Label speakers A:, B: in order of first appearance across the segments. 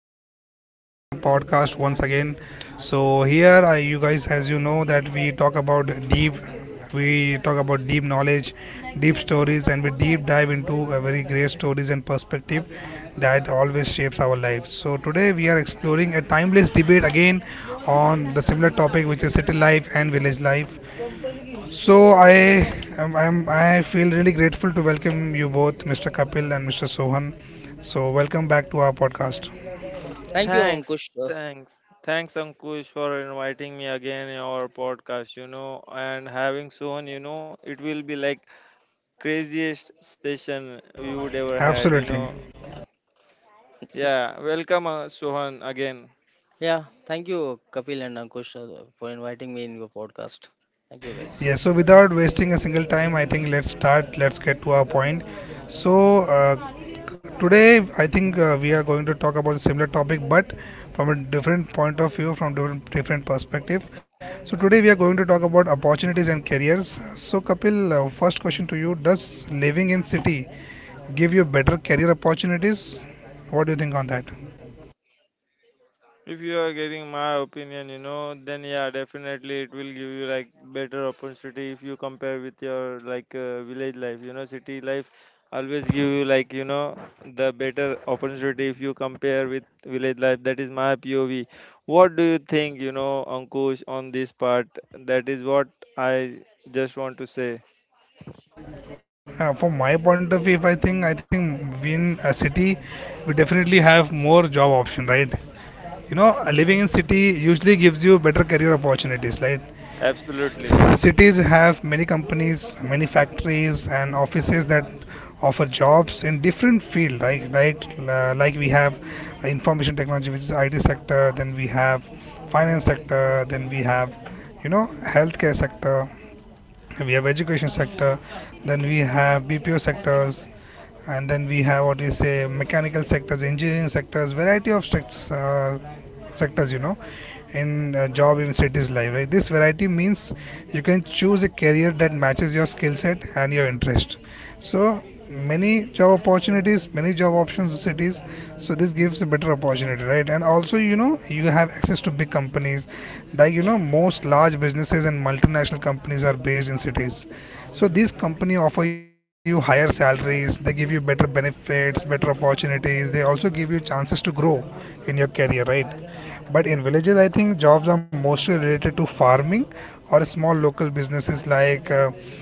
A: guys. So welcome to my podcast once again. So here, you guys, as you know, that we talk about deep, we talk about deep knowledge deep stories, and we deep dive into a very great stories and perspective that always shapes our lives. So today we are exploring a timeless debate again on the similar topic, which is city life and village life. So I feel really grateful to welcome you both, Mr. Kapil and Mr. Sohan. So welcome back to our podcast.
B: Thank you,
C: Thanks,
B: Ankush. Uh,
C: thanks, thanks, Ankush, for inviting me again in our podcast, and having Sohan. It will be like craziest session we would ever had.
A: Absolutely.
C: Yeah, welcome, Sohan, again.
B: yeah, thank you, Kapil and Ankush, for inviting me in your podcast. Thank you, guys.
A: Yes, so without wasting a single time, I think let's get to our point. So today I think we are going to talk about a similar topic but from a different point of view, from different perspective. So, today we are going to talk about opportunities and careers. So, Kapil, first question to you. Does living in city give you better career opportunities? What do you think on that?
C: If you are getting my opinion, then yeah, definitely it will give you like better opportunity if you compare with your like village life. City life always give you like the better opportunity if you compare with village life. That is my POV. What do you think, Ankush, on this part? That is what I just want to say.
A: From my point of view, if I think, I think we in a city, we definitely have more job option, right? You know, living in city usually gives you better career opportunities, right?
C: Absolutely.
A: Cities have many companies, many factories and offices that offer jobs in different field, right? Right, like we have information technology, which is IT sector, then we have finance sector, then we have, you know, healthcare sector, we have education sector, then we have BPO sectors, and then we have what you say mechanical sectors, engineering sectors, variety of sectors. You know, in job in cities life, right? This variety means you can choose a career that matches your skill set and your interest, so many job opportunities, many job options in cities. So this gives a better opportunity, right? And also, you know, you have access to big companies. Like you know, most large businesses and multinational companies are based in cities, so these company offer you higher salaries, they give you better benefits, better opportunities, they also give you chances to grow in your career, right? But in villages, I think jobs are mostly related to farming or small local businesses, like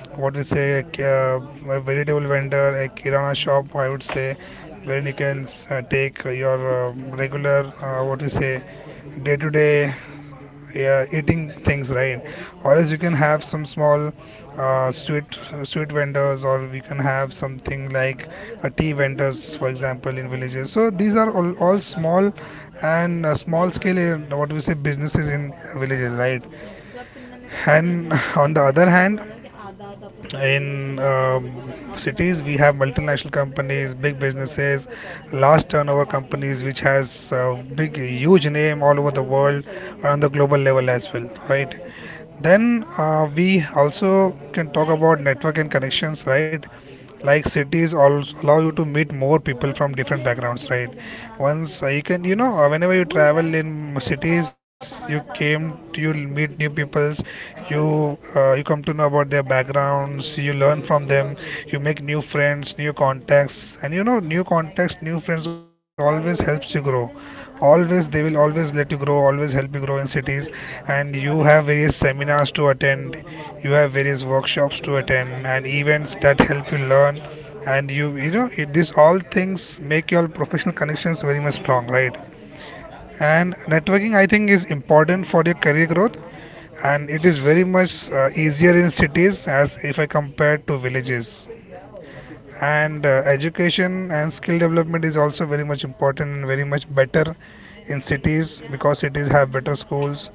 A: what we say, a vegetable vendor, a kirana shop, I would say, where you can take your regular, what we say, day to day yeah, eating things, right? Or else you can have some small uh, sweet sweet vendors, or we can have something like a tea vendors, for example, in villages. So these are all small and small scale, what we say, businesses in villages, right? And on the other hand, in cities we have multinational companies, big businesses, large turnover companies, which has big huge name all over the world, on the global level as well, right? Then we also can talk about network and connections, right? Like cities also allow you to meet more people from different backgrounds, right? once You can, you know, whenever you travel in cities, you came to you meet new peoples, you come to know about their backgrounds, you learn from them, you make new friends, new contacts, and you know, new contacts, new friends always helps you grow. Always they will always let you grow Always help you grow in cities, and you have various seminars to attend, you have various workshops to attend and events that help you learn, and you know it, these all things make your professional connections very much strong, right? And networking, I think, is important for your career growth, and it is very much easier in cities as if I compare to villages. And Education and skill development is also very much important and very much better in cities, because cities have better schools,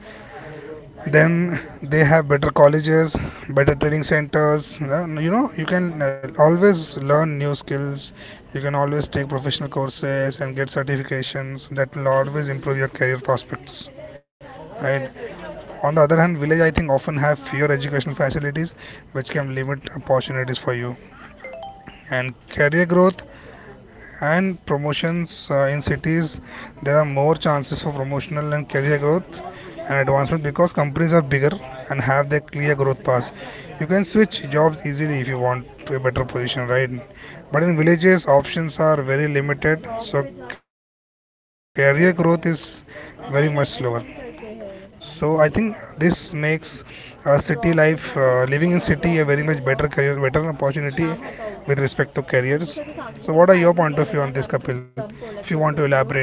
A: then they have better colleges, better training centers. You know, you can always learn new skills, you can always take professional courses and get certifications that will always improve your career prospects, right? On the other hand, village, I think, often have fewer educational facilities, which can limit opportunities for you and career growth and promotions. In cities, there are more chances for promotional and career growth and advancement, because companies are bigger and have their clear growth paths. You can switch jobs easily if you want to a better position, right? But in villages options are very limited, so career growth is very much slower. So I think this makes city life, living in city, a very much better career, better opportunity with respect to careers. So what are your point of view on this, Kapil? If you want to elaborate.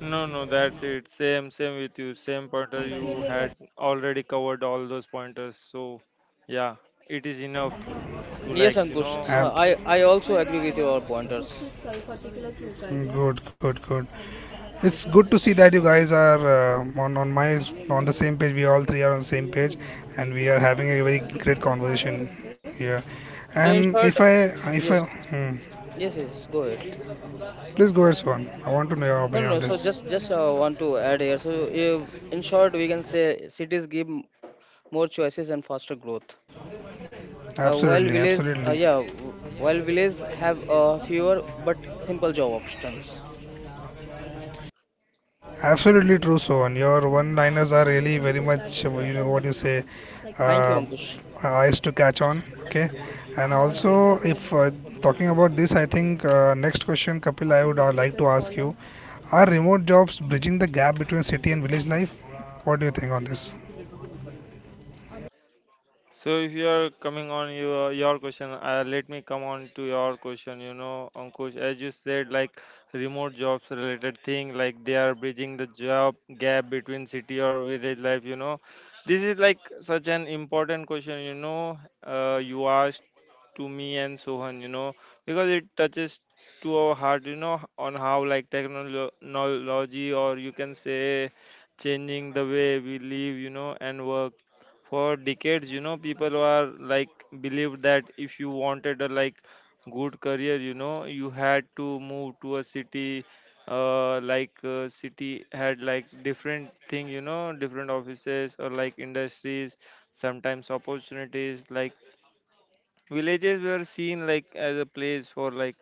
C: No, no, that's it. Same with you. Same pointer. You had already covered all those pointers. So, yeah, it is enough to
B: Yes,
C: like, you
B: Ankush,
C: know,
A: Ab-
B: I also agree with your pointers.
A: Good, good, good. It's good to see that you guys are on the same page. We all three are on the same page, and we are having a very great conversation here.
B: So in
A: And
B: short,
A: if I
B: yes,
A: hmm,
B: yes, yes. Go ahead.
A: Please go ahead, Swan. I want to know your
B: No,
A: opinion
B: no.
A: on
B: So
A: this.
B: just want to add here. So uh, in short, we can say cities give more choices and faster growth, while
A: Absolutely,
B: villages,
A: absolutely.
B: while villages have fewer but simple job options.
A: Absolutely true, Sohan. Your one-liners are really very much, you know, what you say,
B: Thank you,
A: uh,
B: Ankush.
A: eyes to catch on. Okay, and also if talking about this, I think next question, Kapil, I would like to ask you: Are remote jobs bridging the gap between city and village life? What do you think on this?
C: So if you are coming on your question, let me come on to your question. Ankush, as you said, like remote jobs related thing, like they are bridging the job gap between city or village life. This is like such an important question. You asked to me and Sohan. Because it touches to our heart. On how like technology or you can say changing the way we live, you know. And work for decades people were like believed that if you wanted a like good career you had to move to a city, like city had like different thing, different offices or like industries, sometimes opportunities like villages were seen like as a place for like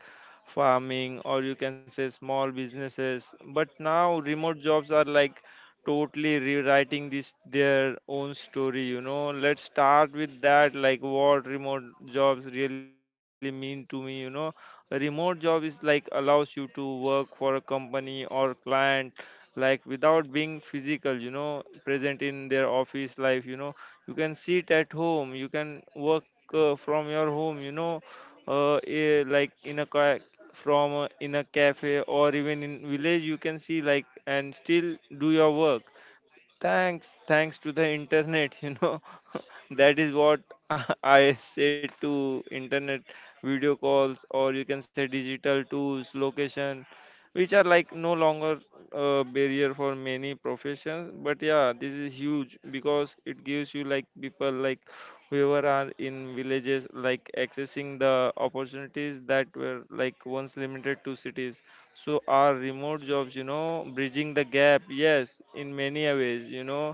C: farming or you can say small businesses, but now remote jobs are like totally rewriting this their own story. Let's start with that, like what remote jobs really mean to me. A remote job is like allows you to work for a company or client like without being physical, present in their office life. You can sit at home, you can work from your home, like in a ca- from in a cafe or even in village you can see like and still do your work. Thanks to the internet. That is what I say to internet: video calls, or you can say digital tools, location, which are like no longer a barrier for many professions. But yeah, this is huge because it gives you like people like whoever are in villages like accessing the opportunities that were like once limited to cities. So our remote jobs bridging the gap, yes, in many a ways, you know.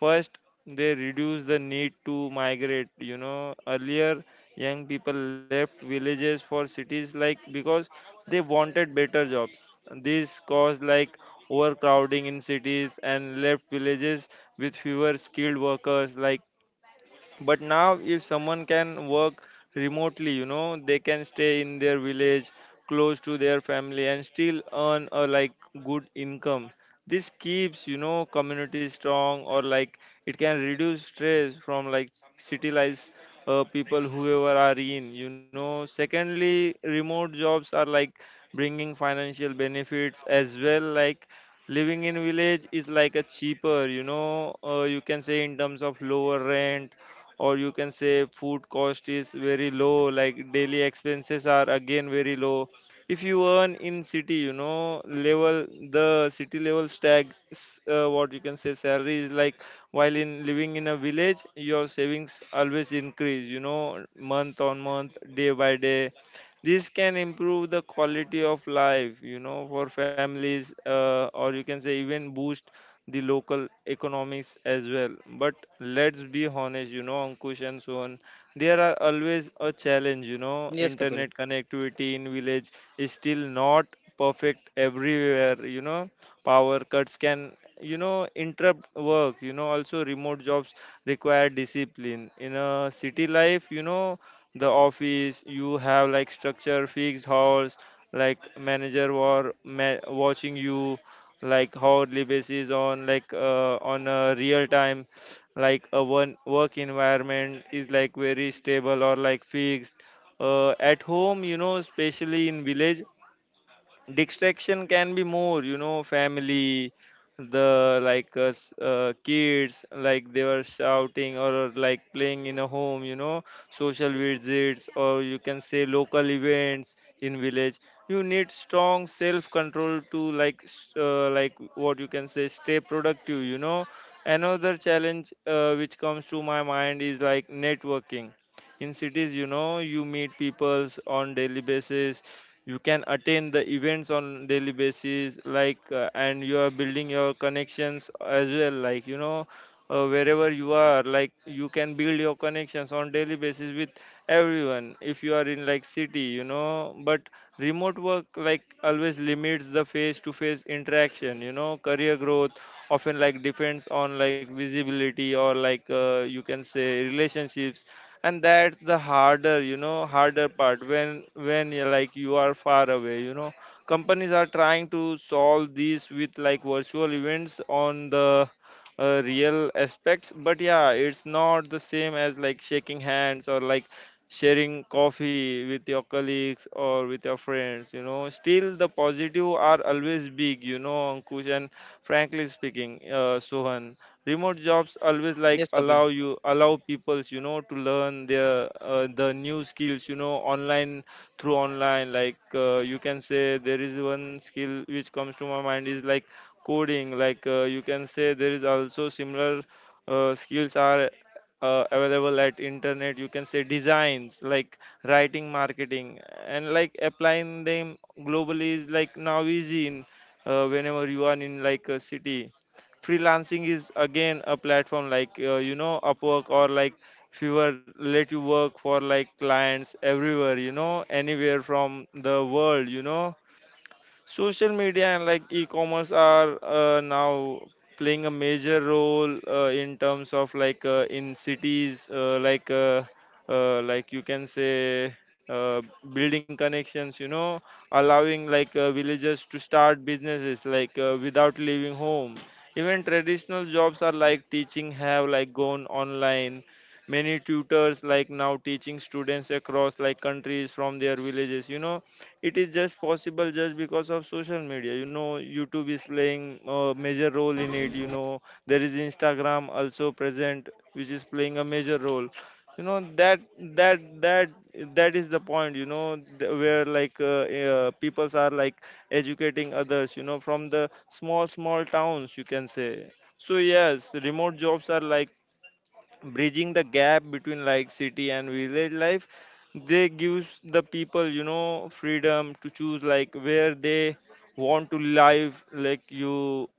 C: First, they reduce the need to migrate, earlier young people left villages for cities like because they wanted better jobs. This caused like overcrowding in cities and left villages with fewer skilled workers, like, but now, if someone can work remotely, they can stay in their village, close to their family, and still earn a like good income. This keeps, community strong, or like it can reduce stress from like city life, people whoever are in. Secondly, remote jobs are like bringing financial benefits as well, like living in village is like a cheaper, you can say in terms of lower rent or you can say food cost is very low, like daily expenses are again very low. If you earn in city level, the city level what you can say salary is like while in living in a village, your savings always increase, month on month, day by day. This can improve the quality of life, for families, or you can say even boost the local economies as well. But let's be honest, Ankush and Sohan, there are always a challenge,
B: Yes, Kapil.
C: internet connectivity in village is still not perfect everywhere, power cuts can, interrupt work, also remote jobs require discipline. In a city life, the office, you have like structure, fixed hours, like manager war ma watching you, like how Libes is on like on a real time, like a one work environment is like very stable or like fixed. At home, especially in village, distraction can be more, family the like kids like they were shouting or like playing in a home, social visits or you can say local events in village, you need strong self control to like like what you can say stay productive. Another challenge which comes to my mind is like networking. In cities, you meet peoples on daily basis, you can attend the events on daily basis, like and you are building your connections as well, like wherever you are, like you can build your connections on daily basis with everyone if you are in like city, but remote work like always limits the face to face interaction, career growth often like depends on like visibility or like you can say relationships, and that's the harder, harder part when you're like you are far away, companies are trying to solve these with like virtual events on the real aspects, but yeah, it's not the same as like shaking hands or like sharing coffee with your colleagues or with your friends. Still the positive are always big, Ankush, and frankly speaking, Sohan, remote jobs always like
B: Yes, Kapil.
C: allow you, allow peoples, to learn the new skills, online through online, like you can say there is one skill which comes to my mind is like coding, like you can say there is also similar skills are available at internet. You can say designs like writing, marketing, and like applying them globally is like now easy in whenever you are in like a city. Freelancing is again a platform like Upwork or like Fiverr let you work for like clients everywhere, anywhere from the world. Social media and like e-commerce are now playing a major role in terms of like in cities, like you can say uh, building connections, allowing like villagers to start businesses like without leaving home. Even traditional jobs are like teaching have like gone online. Many tutors like now teaching students across like countries from their villages, it is just possible just because of social media. YouTube is playing a major role in it, there is Instagram also present which is playing a major role, you know that that that that is the point, where like peoples are like educating others, from the small small towns, you can say. So yes, remote jobs are like bridging the gap between like city and village life. They gives the people, freedom to choose like where they want to live, like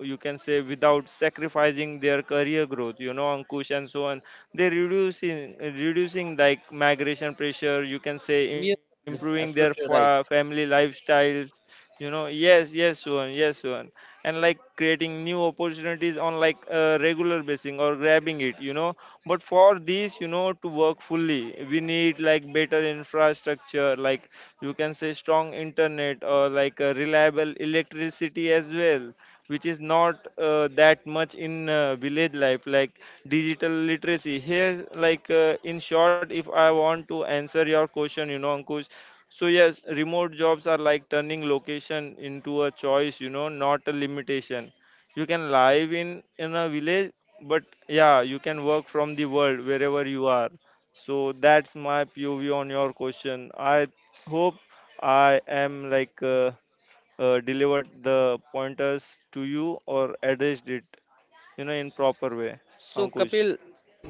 C: you can say without sacrificing their career growth, Ankush and so on, they reducing like migration pressure, you can say
B: Yes,
C: improving
B: Kapil,
C: their
B: absolutely right.
C: family lifestyles, yes, yes, Suhan, yes, Suhan, and like creating new opportunities on like a regular basis or grabbing it. But for this, to work fully, we need like better infrastructure, like you can say strong internet or like a reliable electricity as well, which is not that much in village life, like digital literacy here, like in short, if I want to answer your question, Ankush, so yes, remote jobs are like turning location into a choice, not a limitation. You can live in a village, but yeah, you can work from the world wherever you are. So that's my POV on your question. I hope I am like delivered the pointers to you or addressed it, in proper way,
B: So
C: Ankush.
B: Kapil,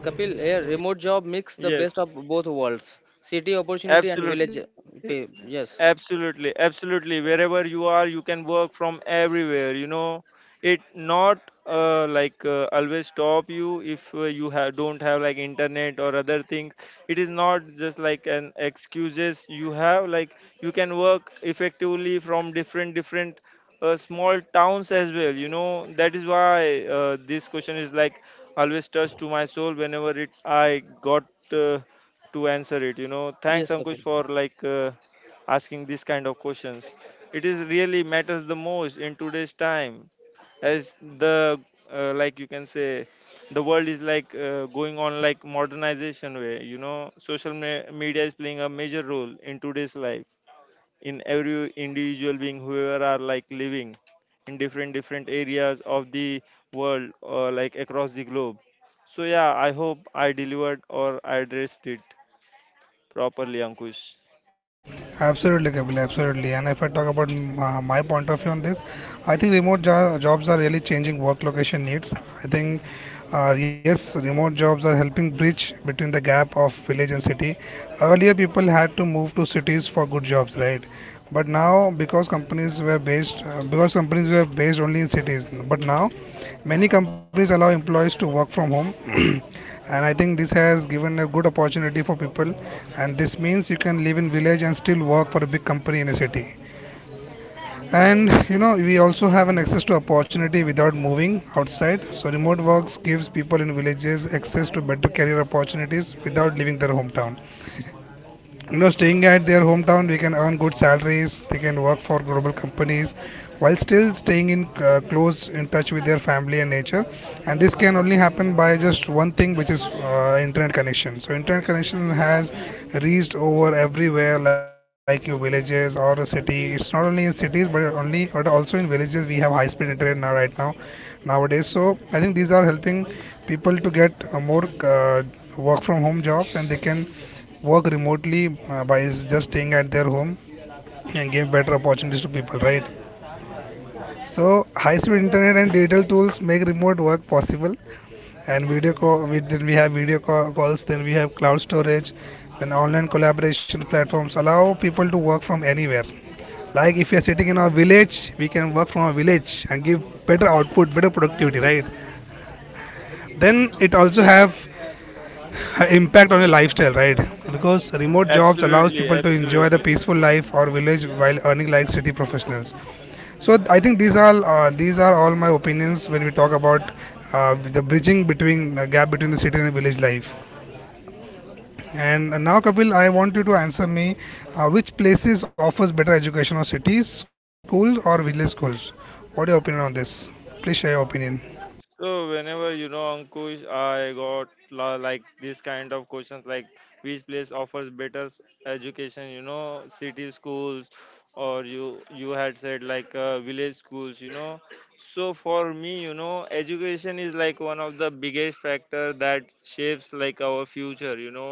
B: Kapil, a remote job mix the best
C: Yes.
B: of both worlds, city opportunity and village
C: Absolutely.
B: pay. Yes,
C: Absolutely. Absolutely. Wherever you are, you can work from everywhere. It not like always stop you if you have don't have like internet or other things. It is not just like an excuses you have. Like you can work effectively from different small towns as well. That is why this question is like always touched to my soul whenever it I got. Uh, to answer it. Thanks
B: yes,
C: Ankush
B: Kapil.
C: for like asking this kind of questions. It is really matters the most in today's time, as the like you can say, the world is like going on like modernization way. You know, media is playing a major role in today's life in every individual being whoever are like living in different different areas of the world or like across the globe. So yeah, I hope I delivered or I addressed it properly, Ankush.
A: Absolutely, Kapil, absolutely. And if I talk about my point of view on this, I think jobs are really changing work location needs. I think, yes, remote jobs are helping bridge between the gap of village and city. Earlier, people had to move to cities for good jobs, right? But now, because because companies were based only in cities, but now many companies allow employees to work from home. And I think this has given a good opportunity for people, and this means you can live in village and still work for a big company in a city. And you know, we also have an access to opportunity without moving outside. So remote works gives people in villages access to better career opportunities without leaving their hometown. You know, staying at their hometown, we can earn good salaries, they can work for global companies while still staying in, close in touch with their family and nature. And this can only happen by just one thing, which is internet connection. So internet connection has reached over everywhere, like your villages or a city. It's not only in cities, but only but also in villages we have high speed internet now, right now nowadays. So I think these are helping people to get more work from home jobs, and they can work remotely by just staying at their home and give better opportunities to people, right? So high-speed internet and digital tools make remote work possible, and video call. We, then we have calls. Then we have cloud storage. Then online collaboration platforms allow people to work from anywhere. Like if you are sitting in our village, we can work from our village and give better output, better productivity, right? Then it also
B: Yes,
A: have
B: Kapil.
A: a impact on your lifestyle, right? Because remote jobs allows
C: Absolutely,
A: people to enjoy the
C: absolutely.
A: peaceful life or village while earning like city professionals. So I think these are all my opinions when we talk about the bridging between the gap between the city and village life. And now, Kapil, I want you to answer me, which places offers better education, or cities schools or village schools? What are your opinion on this? Please share your opinion.
C: So whenever you know Ankush, I got like this kind of questions like which place offers better education, you know, city schools or you had said like village schools, you know. So for me, you know, education is like one of the biggest factor that shapes like our future, you know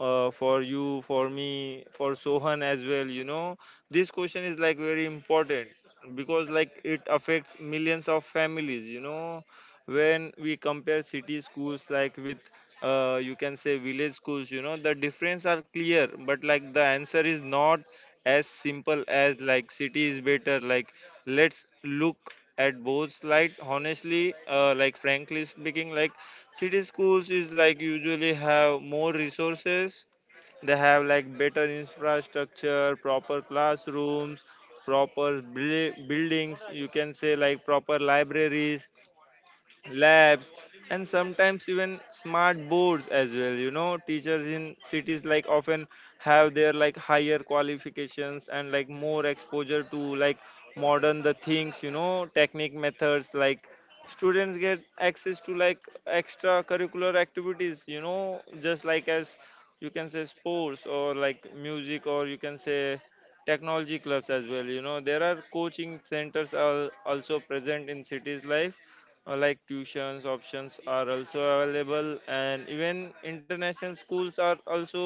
C: for you, for me, for Sohan as well. You know, this question is like very important because like it affects millions of families you know when we compare city schools like with you can say village schools you know the difference are clear but like the answer is not as simple as like city is better like let's look at both sides honestly like frankly speaking like city schools is like usually have more resources. They have like better infrastructure, proper classrooms, buildings you can say, like proper libraries, labs, and sometimes even smart boards as well. You know, teachers in cities like often have their like higher qualifications and like more exposure to like modern the things, you know, technique methods. Like students get access to like extracurricular activities, you know, just like as you can say sports or like music or you can say technology clubs as well. You know, there are coaching centers are also present in cities life. Like tuitions options are also available and even international schools are also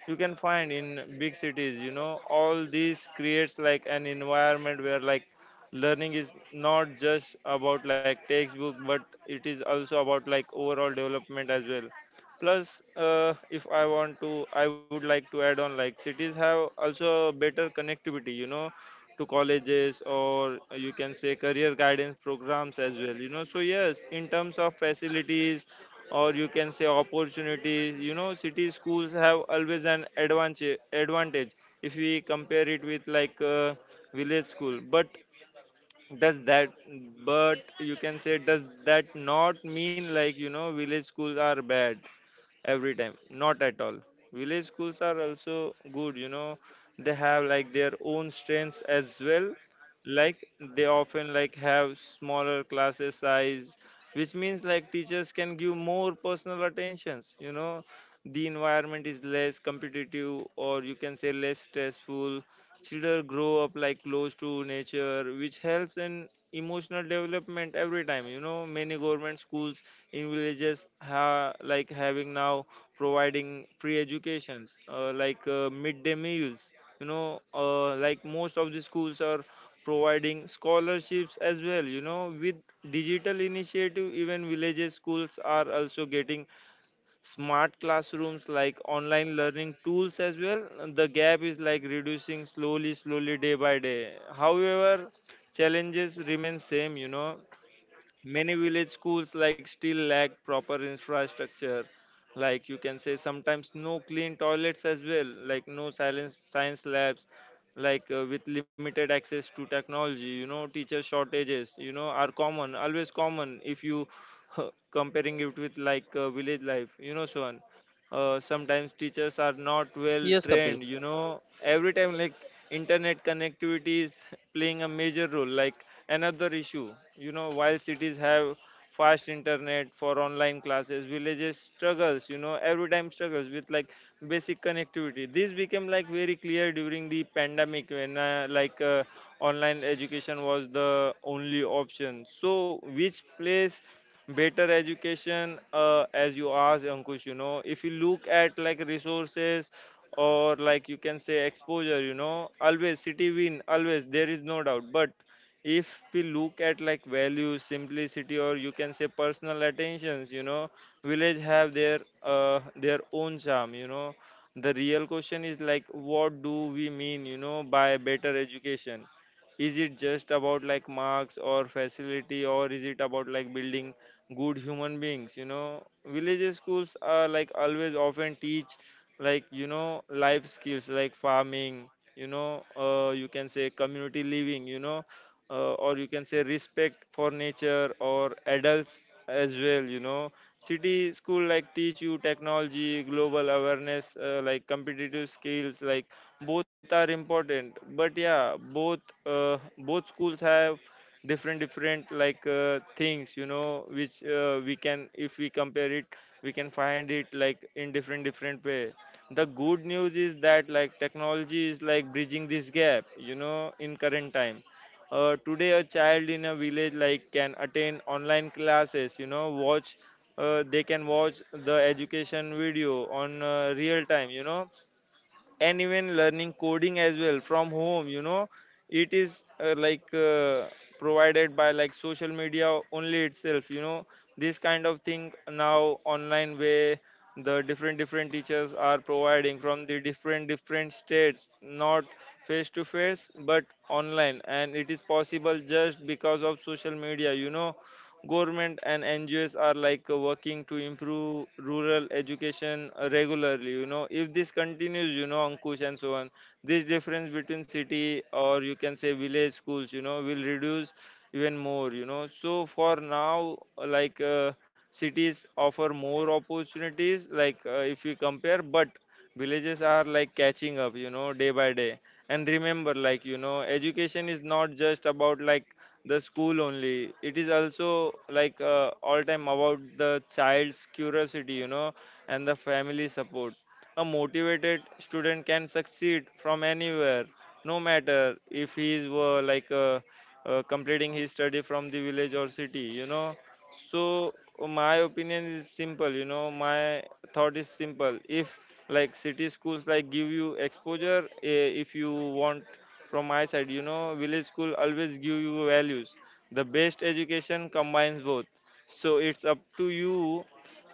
C: you can find in big cities. You know, all these creates like an environment where like learning is not just about like textbook, but it is also about like overall development as well. Plus if I want to, I would like to add on like cities have also better connectivity, you know, to colleges or you can say career guidance programs as well. You know, so yes, in terms of facilities or you can say opportunities, you know, city schools have always an advantage if we compare it with like village school. But does that, but you can say does that not mean like, you know, village schools are bad every time? Not at all. Village schools are also good, you know. They have like their own strengths as well, like they often like have smaller classes size, which means like teachers can give more personal attentions, you know. The environment is less competitive or you can say less stressful. Children grow up like close to nature, which helps in emotional development every time. You know, many government schools in villages ha like having now providing free educations, like midday meals. You know, like most of the schools are providing scholarships as well. You know, with digital initiative, even villages schools are also getting smart classrooms like online learning tools as well. The gap is like reducing slowly slowly day by day. However, challenges remain same, you know. Many village schools like still lack proper infrastructure, like you can say sometimes no clean toilets as well, like no silence science labs, like with limited access to technology. You know, teacher shortages, you know, are common, always common if you comparing it with like village life, you know. So sometimes teachers are not well
B: Yes, Kapil.
C: trained, you know, every time like internet connectivity is playing a major role, like another issue. You know, while cities have fast internet for online classes, villages struggles, you know, every time struggles with like basic connectivity. This became like very clear during the pandemic when like online education was the only option. So which place better education, as you asked Ankush? You know, if you look at like resources or like you can say exposure, you know, always city win, always, there is no doubt. But if we look at like values, simplicity, or you can say personal attentions, you know, village have their own charm, you know. The real question is like, what do we mean, you know, by better education? Is it just about like marks or facility, or is it about like building good human beings? You know, village schools are like always often teach like, you know, life skills like farming, you know. You can say community living, you know, or you can say respect for nature or adults as well, you know. City school like teach you technology, global awareness, like competitive skills. Like both are important, but yeah, both both schools have different different like things, you know, which we can, if we compare it, we can find it like in different different way. The good news is that like technology is like bridging this gap, you know, in current time. Today, a child in a village like can attend online classes, you know, watch they can watch the education video on real time, you know, and even learning coding as well from home, you know. It is provided by like social media only itself, you know. This kind of thing now online, where the different different teachers are providing from the different different states, not face to face but online, and it is possible just because of social media, you know. Government and NGOs are like working to improve rural education regularly. You know, if this continues, you know, Ankush and so on, this difference between city or you can say village schools, you know, will reduce even more. You know, so for now, cities offer more opportunities, like if we compare, but villages are like catching up, you know, day by day. And remember, like, you know, education is not just about like the school only. It is also like all time about the child's curiosity, you know, and the family support. A motivated student can succeed from anywhere, no matter if he is completing his study from the village or city, you know. So my opinion is simple, you know, my thought is simple. If like city schools like give you exposure, eh, if you want from my side. You know, village school always give you values. The best education combines both. So it's up to you,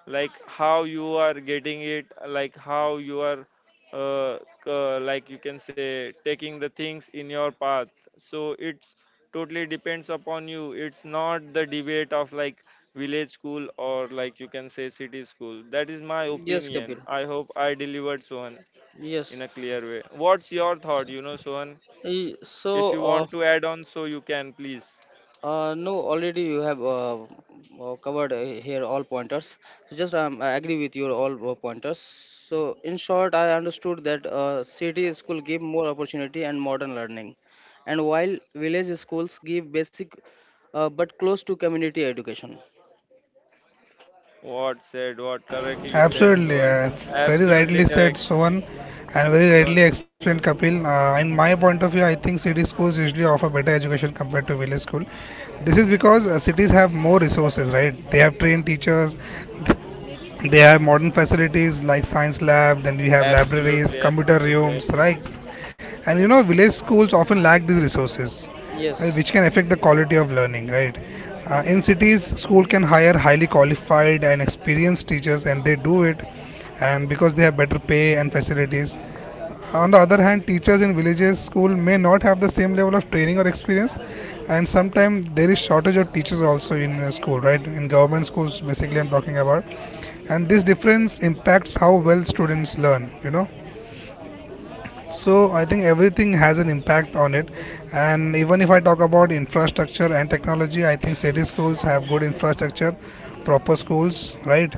C: like how you are getting it, like how you are, uh, like you can say, taking the things in your path. So it's totally depends upon you. It's not the debate of like village school or like you can say city school. That is my
B: Yes,
C: opinion.
B: Kapil.
C: I hope I delivered Sohan
B: Yes.
C: in a clear way. What's your thought, you know, Sohan?
B: E-
C: If
B: So,
C: you
B: uh,
C: want to add on, so you can please.
B: No, already you have covered here all pointers. So just I agree with your all pointers. So in short, I understood that city school give more opportunity and modern learning, and while village schools give basic but close to community education.
C: What said, what correctly said, so
A: Absolutely,
C: on.
A: very
C: Absolutely
A: rightly said
C: correct.
A: Sohan, and very
C: So
A: rightly
C: on, so
A: explained
C: on.
A: Kapil. In my point of view, I think city schools usually offer better education compared to village school. This is because cities have more resources, right? They have trained teachers, they have modern facilities like science lab, then we have libraries,
C: Absolutely,
A: computer
C: absolutely,
A: rooms, right?
C: absolutely.
A: And you know, village schools often lack these resources,
B: Yes,
A: which can affect the quality of learning, right? In cities, school can hire highly qualified and experienced teachers, and they do it, and because they have better pay and facilities. On the other hand, teachers in villages school may not have the same level of training or experience, and sometimes there is shortage of teachers also in school, right? In government schools, basically, I'm talking about, and this difference impacts how well students learn. You know, so I think everything has an impact on it. And even if I talk about infrastructure and technology, I think city schools have good infrastructure, proper schools, right?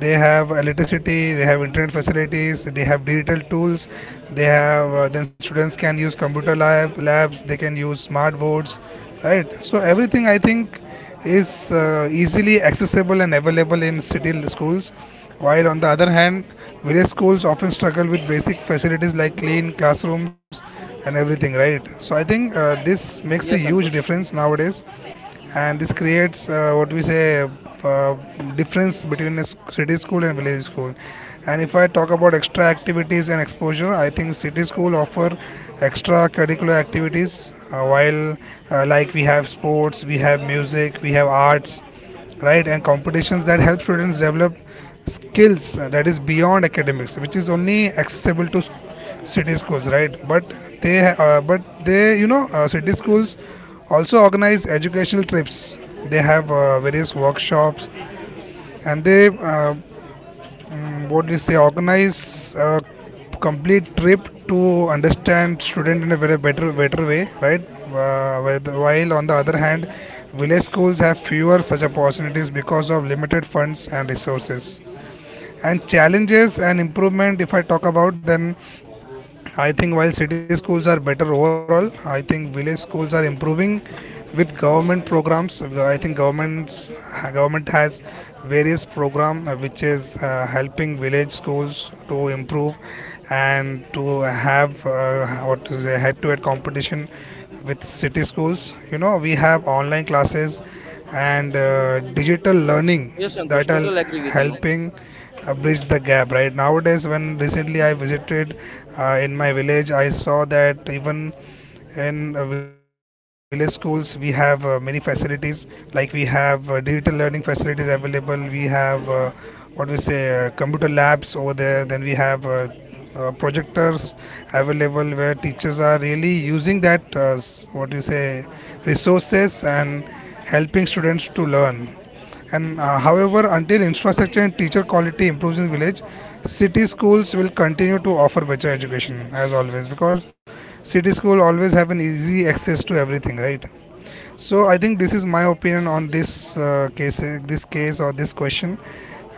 A: They have electricity, they have internet facilities, they have digital tools, they have, then students can use labs, they can use smart boards, right? So everything, I think, is easily accessible and available in schools, while on the other hand village schools often struggle with basic facilities like clean classrooms and everything, right? So I think this makes a
B: yes,
A: huge
B: Ankush.
A: difference nowadays, and this creates, what we say, uh, difference between a city school and village school. And if I talk about extra activities and exposure, I think city school offer extra curricular activities, while, like we have sports, we have music, we have arts, right? And competitions that help students develop skills that is beyond academics, which is only accessible to city schools, right? But they uh, but they, you know, city schools also organize educational trips, they have various workshops, and what do you say, organize a complete trip to understand student in a very better way, right? While on the other hand, village schools have fewer such opportunities because of limited funds and resources. And challenges and improvement, if I talk about, then I think while city schools are better overall, I think village schools are improving with government programs. I think government has various program which is helping village schools to improve and to have, what is a head-to-head competition with city schools. You know, we have online classes and digital learning
B: Yes, Ankush.
A: that are
B: Total agree with you.
A: helping bridge the gap, right? Nowadays, when recently I visited in my village, I saw that even in village schools we have many facilities, like we have digital learning facilities available, we have, what we say, computer labs over there, then we have projectors available, where teachers are really using that, what you say, resources, and helping students to learn. And However, until infrastructure and teacher quality improves in village, city schools will continue to offer better education as always, because city school always have an easy access to everything, right? So I think this is my opinion on this case or this question.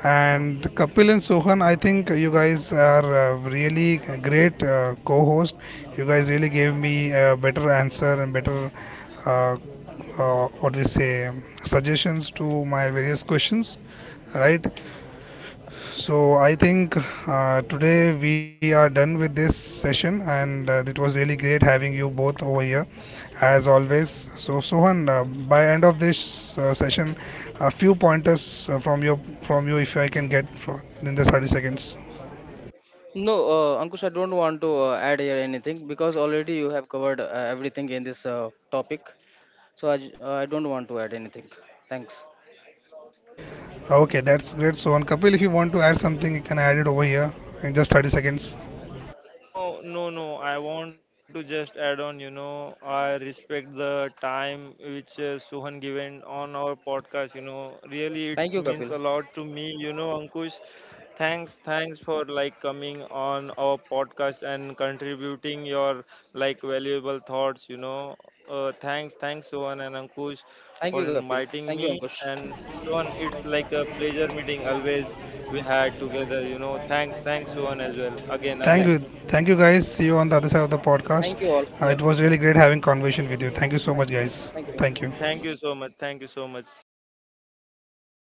A: And Kapil and Sohan, I think you guys are, really great co-host. You guys really gave me a better answer and better, uh, what do you say, suggestions to my various questions, right? So I think today we are done with this session, and it was really great having you both over here, as always. So Sohan, by end of this session, a few pointers from you, if I can get in the 30 seconds.
B: No, Ankush, I don't want to add here anything because already you have covered everything in this topic. So I don't want to add anything. Thanks.
A: Okay, that's great, Sohan. Kapil, if you want to add something, you can add it over here in just 30 seconds.
C: No, no, no. I want to just add on, you know, I respect the time which Suhan given on our podcast, you know. Really, it
B: Thank you,
C: means
B: Kapil.
C: a lot to me, you know, Ankush. Thanks for like coming on our podcast and contributing your like valuable thoughts, you know. Thanks, Suhan and Ankush
B: Thank you,
C: for
B: Kapil.
C: inviting
B: Thank you,
C: me.
B: Ankush.
C: And Suhan, it's like a pleasure meeting always we had together, you know. Thanks, Suhan as well. Again,
A: Thank
B: Thank,
A: you,
C: again.
A: thank you guys. See you on the other side of the podcast.
B: thank you all. Yeah.
A: It was really great having conversation with you. Thank you so
B: Thank,
A: much, guys.
B: thank you.
A: Thank you.
C: Thank you so much. Thank you so much.